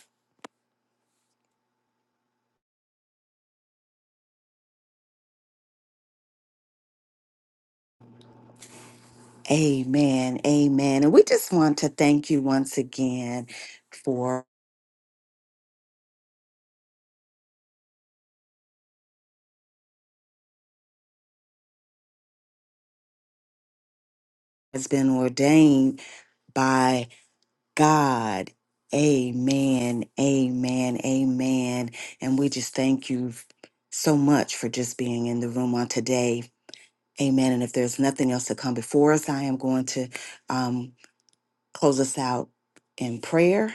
S2: Amen. Amen. And we just want to thank you once again for has been ordained by God. Amen. Amen. Amen. And we just thank you so much for just being in the room on today. Amen. And if there's nothing else to come before us, I am going to um, close us out in prayer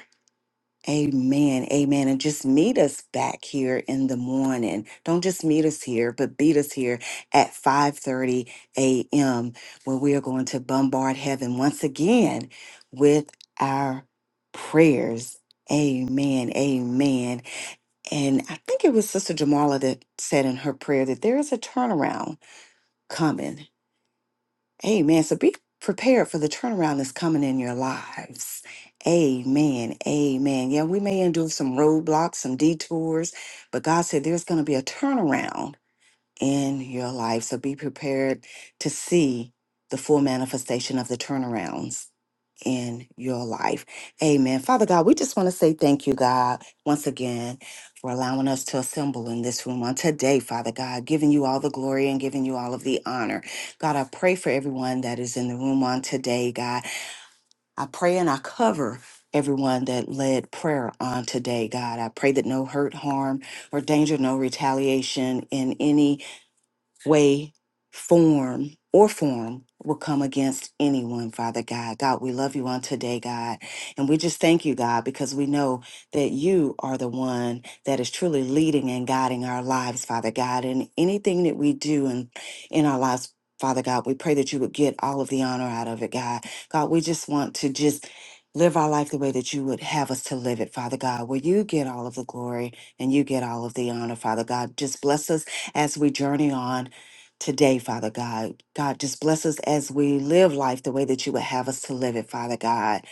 S2: Amen. Amen. And just meet us back here in the morning. Don't just meet us here, but beat us here at 5:30 a.m. where we are going to bombard heaven once again with our prayers. Amen. Amen. And I think it was Sister Jamala that said in her prayer that there is a turnaround coming. Amen. So be prepared for the turnaround that's coming in your lives. Amen. Amen. Yeah, we may endure some roadblocks, some detours, but God said there's going to be a turnaround in your life. So be prepared to see the full manifestation of the turnarounds in your life. Amen. Father God, we just want to say thank you, God, once again for allowing us to assemble in this room on today, Father God, giving you all the glory and giving you all of the honor. God, I pray for everyone that is in the room on today, God. I pray and I cover everyone that led prayer on today, God. I pray that no hurt, harm, or danger, no retaliation in any way, form, or form will come against anyone, Father God. God, we love you on today, God. And we just thank you, God, because we know that you are the one that is truly leading and guiding our lives, Father God. And anything that we do in, in our lives, Father God, we pray that you would get all of the honor out of it, God. God, we just want to just live our life the way that you would have us to live it, Father God, where you get all of the glory and you get all of the honor, Father God. Just bless us as we journey on today, Father God. God, just bless us as we live life the way that you would have us to live it, Father God.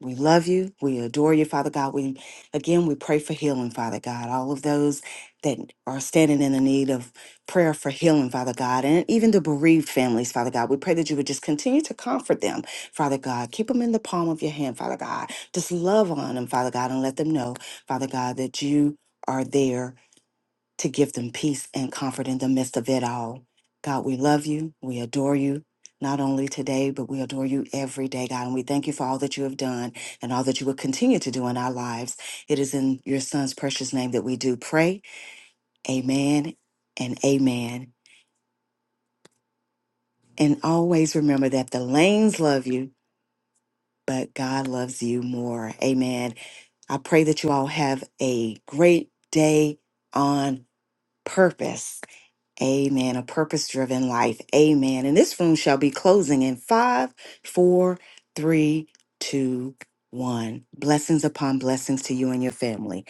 S2: We love you. We adore you, Father God. We again we pray for healing, Father God. All of those that are standing in the need of prayer for healing, Father God, and even the bereaved families, Father God. We pray that you would just continue to comfort them, Father God. Keep them in the palm of your hand, Father God. Just love on them, Father God, and let them know, Father God, that you are there to give them peace and comfort in the midst of it all. God, we love you. We adore you, not only today, but we adore you every day, God. And we thank you for all that you have done and all that you will continue to do in our lives. It is in your son's precious name that we do pray. Amen and amen. And always remember that the lanes love you, but God loves you more. Amen. I pray that you all have a great day on purpose. Amen. A purpose driven life. Amen. And this room shall be closing in five, four, three, two, one. Blessings upon blessings to you and your family.